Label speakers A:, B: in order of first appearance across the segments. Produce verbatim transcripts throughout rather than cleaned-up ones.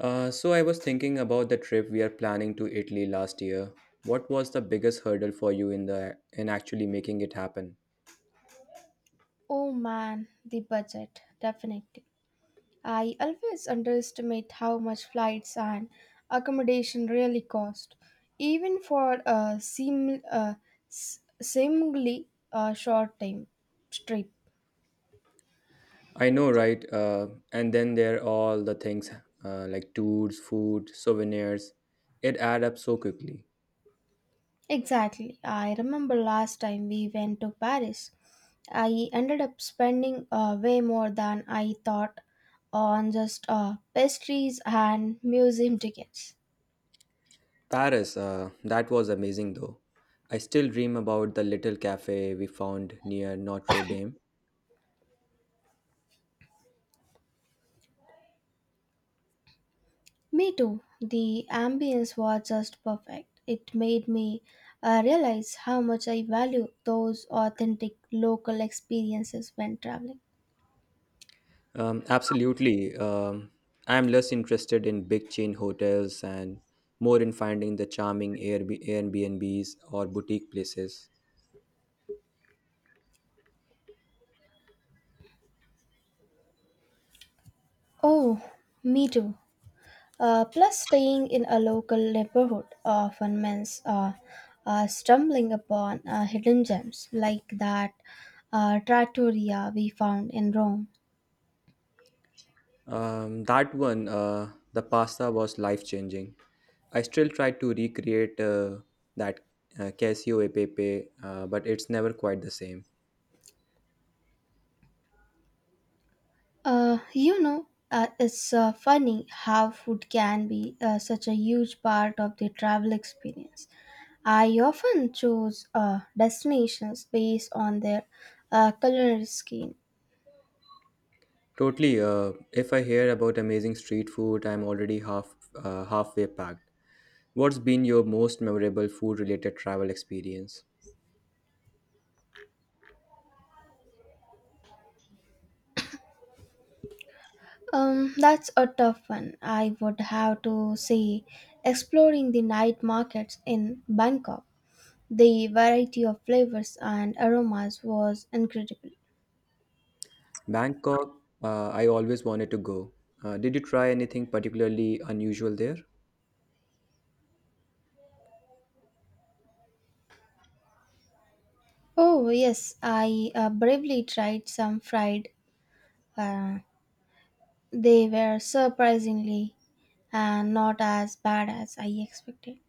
A: Uh, so I was thinking about the trip we are planning to Italy last year. What was the biggest hurdle for you in the in actually making it happen?
B: Oh man, the budget, definitely. I always underestimate how much flights and accommodation really cost, even for a seem, uh, s- seemingly uh, short time trip.
A: I know, right? Uh, and then there are all the things uh, like tours, food, souvenirs. It add up so quickly.
B: Exactly. I remember last time we went to Paris, I ended up spending uh, way more than I thought on just uh, pastries and museum tickets.
A: Paris, uh, that was amazing though. I still dream about the little cafe we found near Notre Dame.
B: Me too. The ambience was just perfect. It made me uh, realize how much I value those authentic local experiences when traveling.
A: Um, absolutely. Um, I'm less interested in big chain hotels and more in finding the charming Airb- Airbnbs or boutique places.
B: Oh, me too. Uh, plus, staying in a local neighborhood often means uh, uh, stumbling upon uh, hidden gems like that uh, trattoria we found in Rome.
A: Um, that one, uh, the pasta was life changing. I still try to recreate uh, that uh, Casio e Pepe, uh, but it's never quite the same.
B: Uh, you know, uh, it's uh, funny how food can be uh, such a huge part of the travel experience. I often choose uh, destinations based on their uh, culinary scheme.
A: Totally. Uh, if I hear about amazing street food, I'm already half uh, halfway packed. What's been your most memorable food related travel experience?
B: Um, that's a tough one. I would have to say exploring the night markets in Bangkok. The variety of flavors and aromas was incredible.
A: Bangkok, uh, I always wanted to go. Uh, did you try anything particularly unusual there?
B: Oh, yes, I uh, bravely tried some fried. Uh, they were surprisingly uh, not as bad as I expected.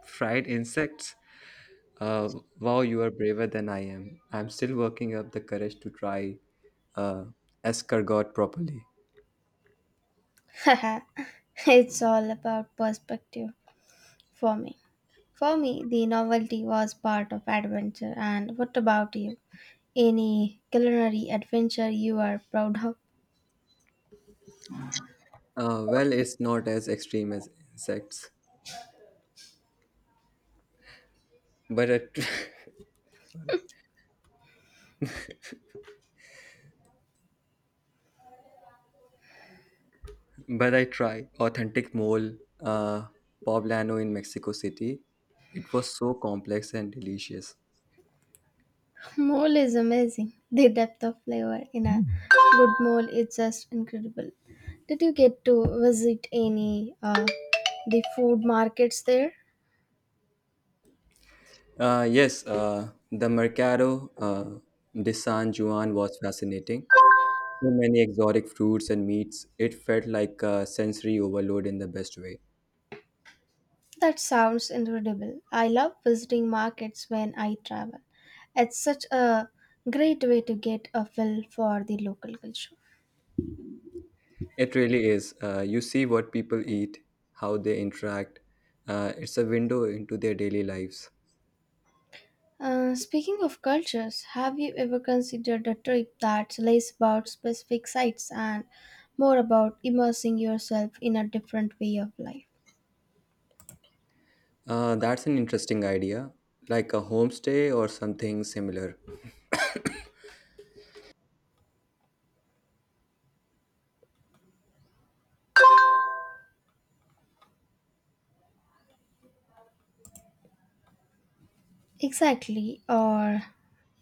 A: Fried insects? Uh, wow, you are braver than I am. I'm still working up the courage to try uh, escargot properly.
B: It's all about perspective. For me, for me, the novelty was part of adventure. And what about you? Any culinary adventure you are proud of?
A: Uh, well, it's not as extreme as insects, but I, but I tried authentic mole uh, poblano in Mexico City. It was so complex and delicious.
B: Mole is amazing. The depth of flavor in a good mole is just incredible. Did you get to visit any uh, the food markets there?
A: Uh, yes, uh, the Mercado uh, de San Juan was fascinating. So many exotic fruits and meats. It felt like a sensory overload in the best way.
B: That sounds incredible. I love visiting markets when I travel. It's such a great way to get a feel for the local culture.
A: It really is. Uh, you see what people eat, how they interact. Uh, it's a window into their daily lives.
B: Uh, speaking of cultures, have you ever considered a trip that's less about specific sites and more about immersing yourself in a different way of life?
A: Uh, that's an interesting idea, like a homestay or something similar.
B: Exactly, or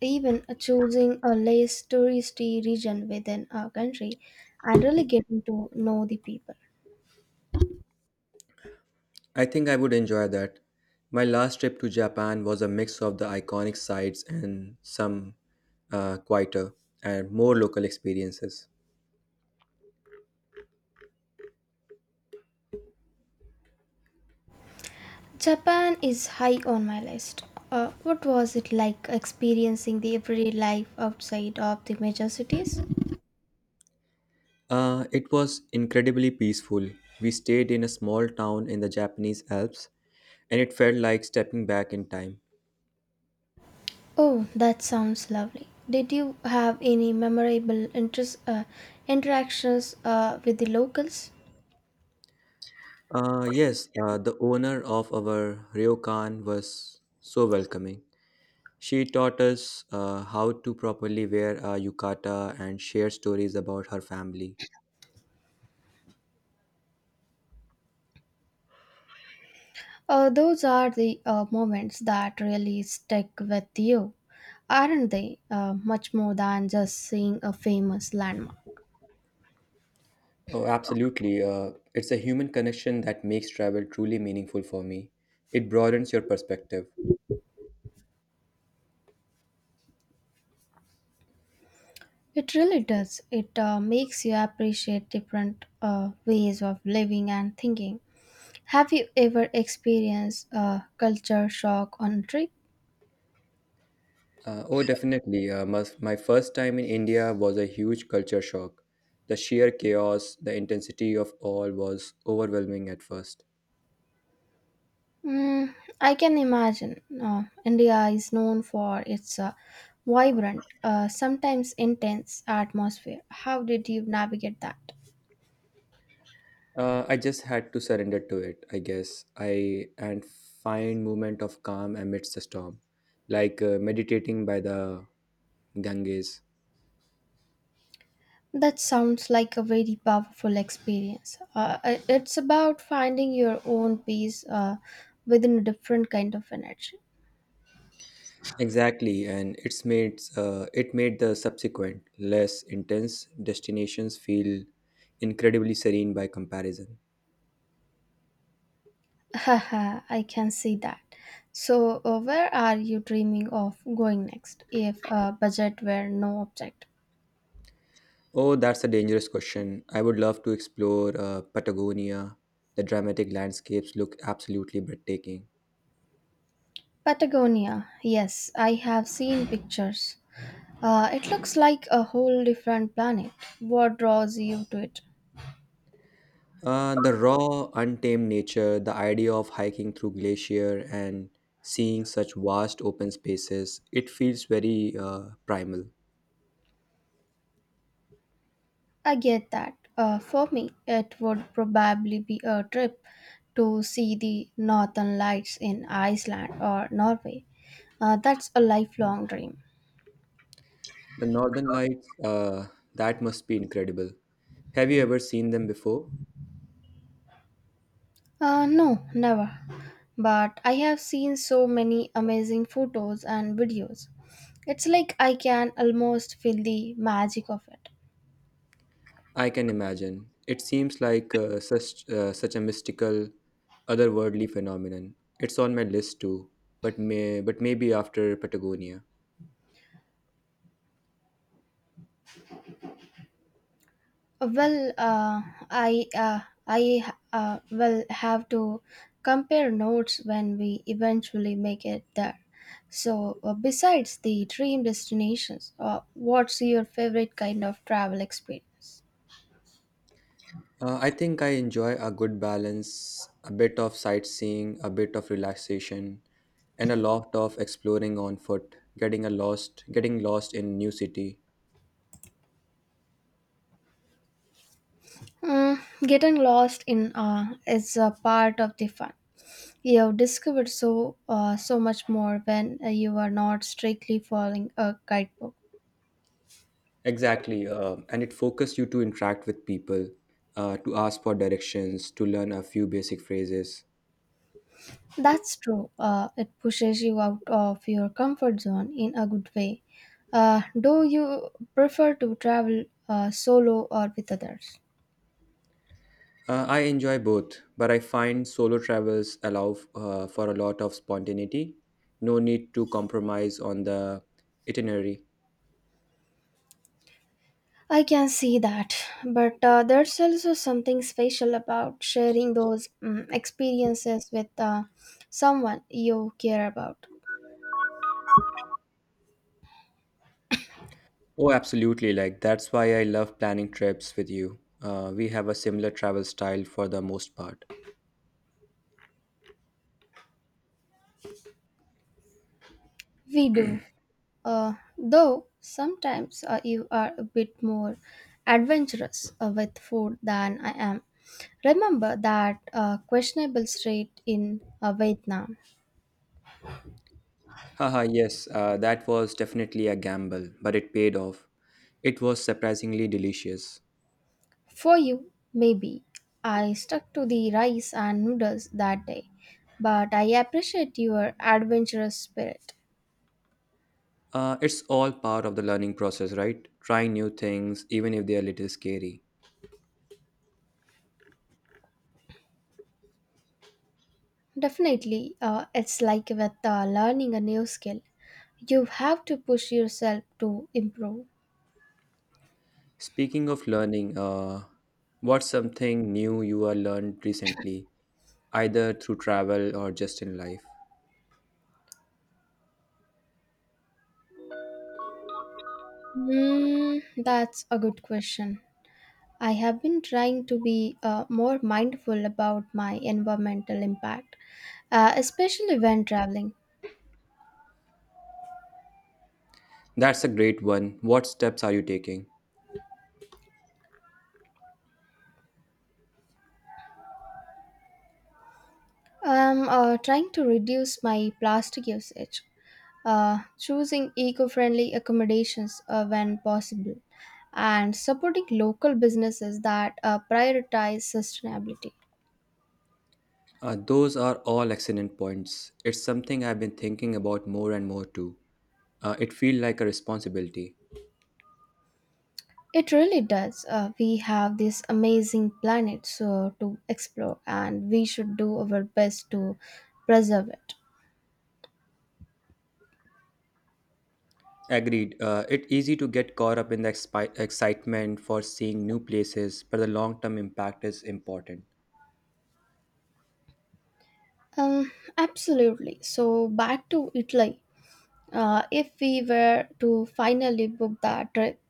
B: even choosing a less touristy region within our country and really getting to know the people.
A: I think I would enjoy that. My last trip to Japan was a mix of the iconic sights and some uh, quieter and more local experiences.
B: Japan is high on my list. Uh, what was it like experiencing the everyday life outside of the major cities?
A: Uh, it was incredibly peaceful. We stayed in a small town in the Japanese Alps, and it felt like stepping back in time.
B: Oh, that sounds lovely. Did you have any memorable interest, uh, interactions uh, with the locals?
A: Uh, yes, uh, the owner of our ryokan was so welcoming. She taught us uh, how to properly wear a yukata and shared stories about her family.
B: Uh, those are the uh, moments that really stick with you, aren't they? Uh, much more than just seeing a famous landmark.
A: Oh, absolutely. Uh, it's a human connection that makes travel truly meaningful for me. It broadens your perspective.
B: It really does. It uh, makes you appreciate different uh, ways of living and thinking. Have you ever experienced a culture shock on a trip?
A: Uh, oh, definitely. Uh, my, my first time in India was a huge culture shock. The sheer chaos, the intensity of all was overwhelming at first.
B: Mm, I can imagine. Uh, India is known for its uh, vibrant, uh, sometimes intense atmosphere. How did you navigate that?
A: Uh, I just had to surrender to it, I guess. I and find moment of calm amidst the storm, like uh, meditating by the Ganges.
B: That sounds like a very powerful experience. Uh, i- it's about finding your own peace uh, within a different kind of energy.
A: Exactly, and it's made uh, it made the subsequent less intense destinations feel incredibly serene by comparison.
B: Haha, I can see that. So, uh, where are you dreaming of going next if uh, budget were no object?
A: Oh, that's a dangerous question. I would love to explore uh, Patagonia. The dramatic landscapes look absolutely breathtaking.
B: Patagonia, yes, I have seen pictures. Uh, it looks like a whole different planet. What draws you to it?
A: Uh, the raw, untamed nature, the idea of hiking through glacier and seeing such vast open spaces, it feels very uh, primal.
B: I get that. Uh, for me, it would probably be a trip to see the northern lights in Iceland or Norway. Uh, that's a lifelong dream.
A: The northern lights, uh, that must be incredible. Have you ever seen them before?
B: Uh, no, never. But I have seen so many amazing photos and videos. It's like I can almost feel the magic of it.
A: I can imagine. It seems like uh, such uh, such a mystical, otherworldly phenomenon. It's on my list too, but may but maybe after Patagonia.
B: Well, uh, I uh, I uh, will have to compare notes when we eventually make it there. So, uh, besides the dream destinations, uh, what's your favorite kind of travel experience?
A: Uh, I think I enjoy a good balance, a bit of sightseeing, a bit of relaxation, and a lot of exploring on foot, getting a lost, getting lost in new city.
B: Mm, getting lost in uh, is a part of the fun. You've discovered so uh, so much more when uh, you are not strictly following a guidebook.
A: Exactly, uh, and it focuses you to interact with people, uh, to ask for directions, to learn a few basic phrases.
B: That's true. Uh, it pushes you out of your comfort zone in a good way. Uh, do you prefer to travel uh, solo or with others?
A: Uh, I enjoy both, but I find solo travels allow uh, for a lot of spontaneity. No need to compromise on the itinerary.
B: I can see that, but uh, there's also something special about sharing those mm, experiences with uh, someone you care about.
A: Oh, absolutely. Like, that's why I love planning trips with you. Uh, we have a similar travel style for the most part.
B: We do. Uh, though sometimes uh, you are a bit more adventurous uh, with food than I am. Remember that uh, questionable street in uh, Vietnam.
A: Haha, yes, uh, that was definitely a gamble, but it paid off. It was surprisingly delicious.
B: For you, maybe. I stuck to the rice and noodles that day, but I appreciate your adventurous spirit.
A: Uh, it's all part of the learning process, right? Trying new things, even if they are a little scary.
B: Definitely, uh, it's like with uh, learning a new skill. You have to push yourself to improve.
A: Speaking of learning, uh, what's something new you have learned recently, either through travel or just in life?
B: Hmm, that's a good question. I have been trying to be uh, more mindful about my environmental impact, uh, especially when traveling.
A: That's a great one. What steps are you taking?
B: I'm uh, trying to reduce my plastic usage, uh, choosing eco friendly accommodations uh, when possible, and supporting local businesses that uh, prioritize sustainability.
A: Uh, those are all excellent points. It's something I've been thinking about more and more too. Uh, it feels like a responsibility.
B: It really does. Uh, we have this amazing planet so, to explore, and we should do our best to preserve it.
A: Agreed. Uh, it's easy to get caught up in the expi- excitement for seeing new places, but the long term impact is important.
B: Um, Absolutely. So back to Italy. Uh, if we were to finally book that trip,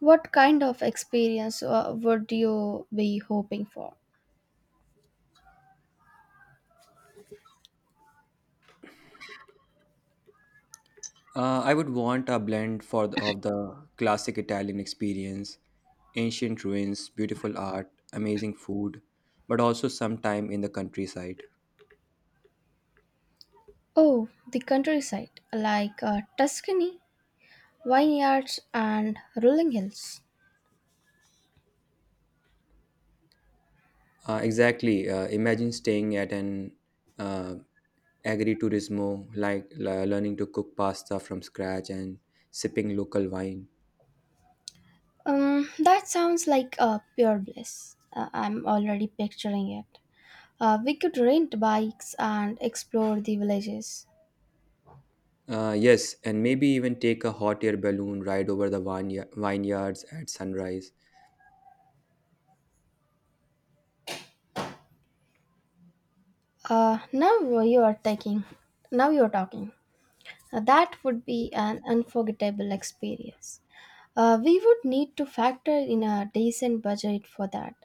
B: what kind of experience uh, would you be hoping for?
A: Uh, I would want a blend for the, of the classic Italian experience, ancient ruins, beautiful art, amazing food, but also some time in the countryside.
B: Oh, the countryside, like uh, Tuscany, vineyards, and rolling hills.
A: Uh, exactly. Uh, imagine staying at an uh, agriturismo, like le- learning to cook pasta from scratch and sipping local wine.
B: Um, that sounds like a pure bliss. Uh, I'm already picturing it. Uh, we could rent bikes and explore the villages.
A: Uh, yes, and maybe even take a hot air balloon ride over the viney- vineyards at sunrise.
B: Uh, now you are taking. Now you are talking. Uh, that would be an unforgettable experience. Uh, we would need to factor in a decent budget for that,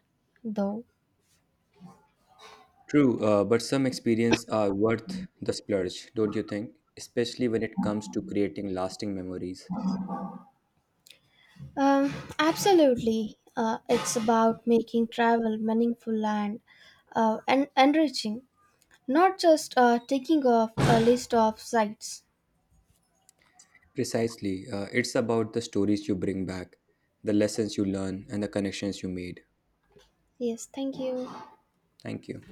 B: though.
A: True, uh, but some experiences are worth the splurge, don't you think? Especially when it comes to creating lasting memories.
B: Um, Absolutely. Uh, it's about making travel meaningful and, uh, and enriching, not just uh, taking off a list of sites.
A: Precisely, uh, it's about the stories you bring back, the lessons you learn, and the connections you made.
B: Yes, thank you.
A: Thank you.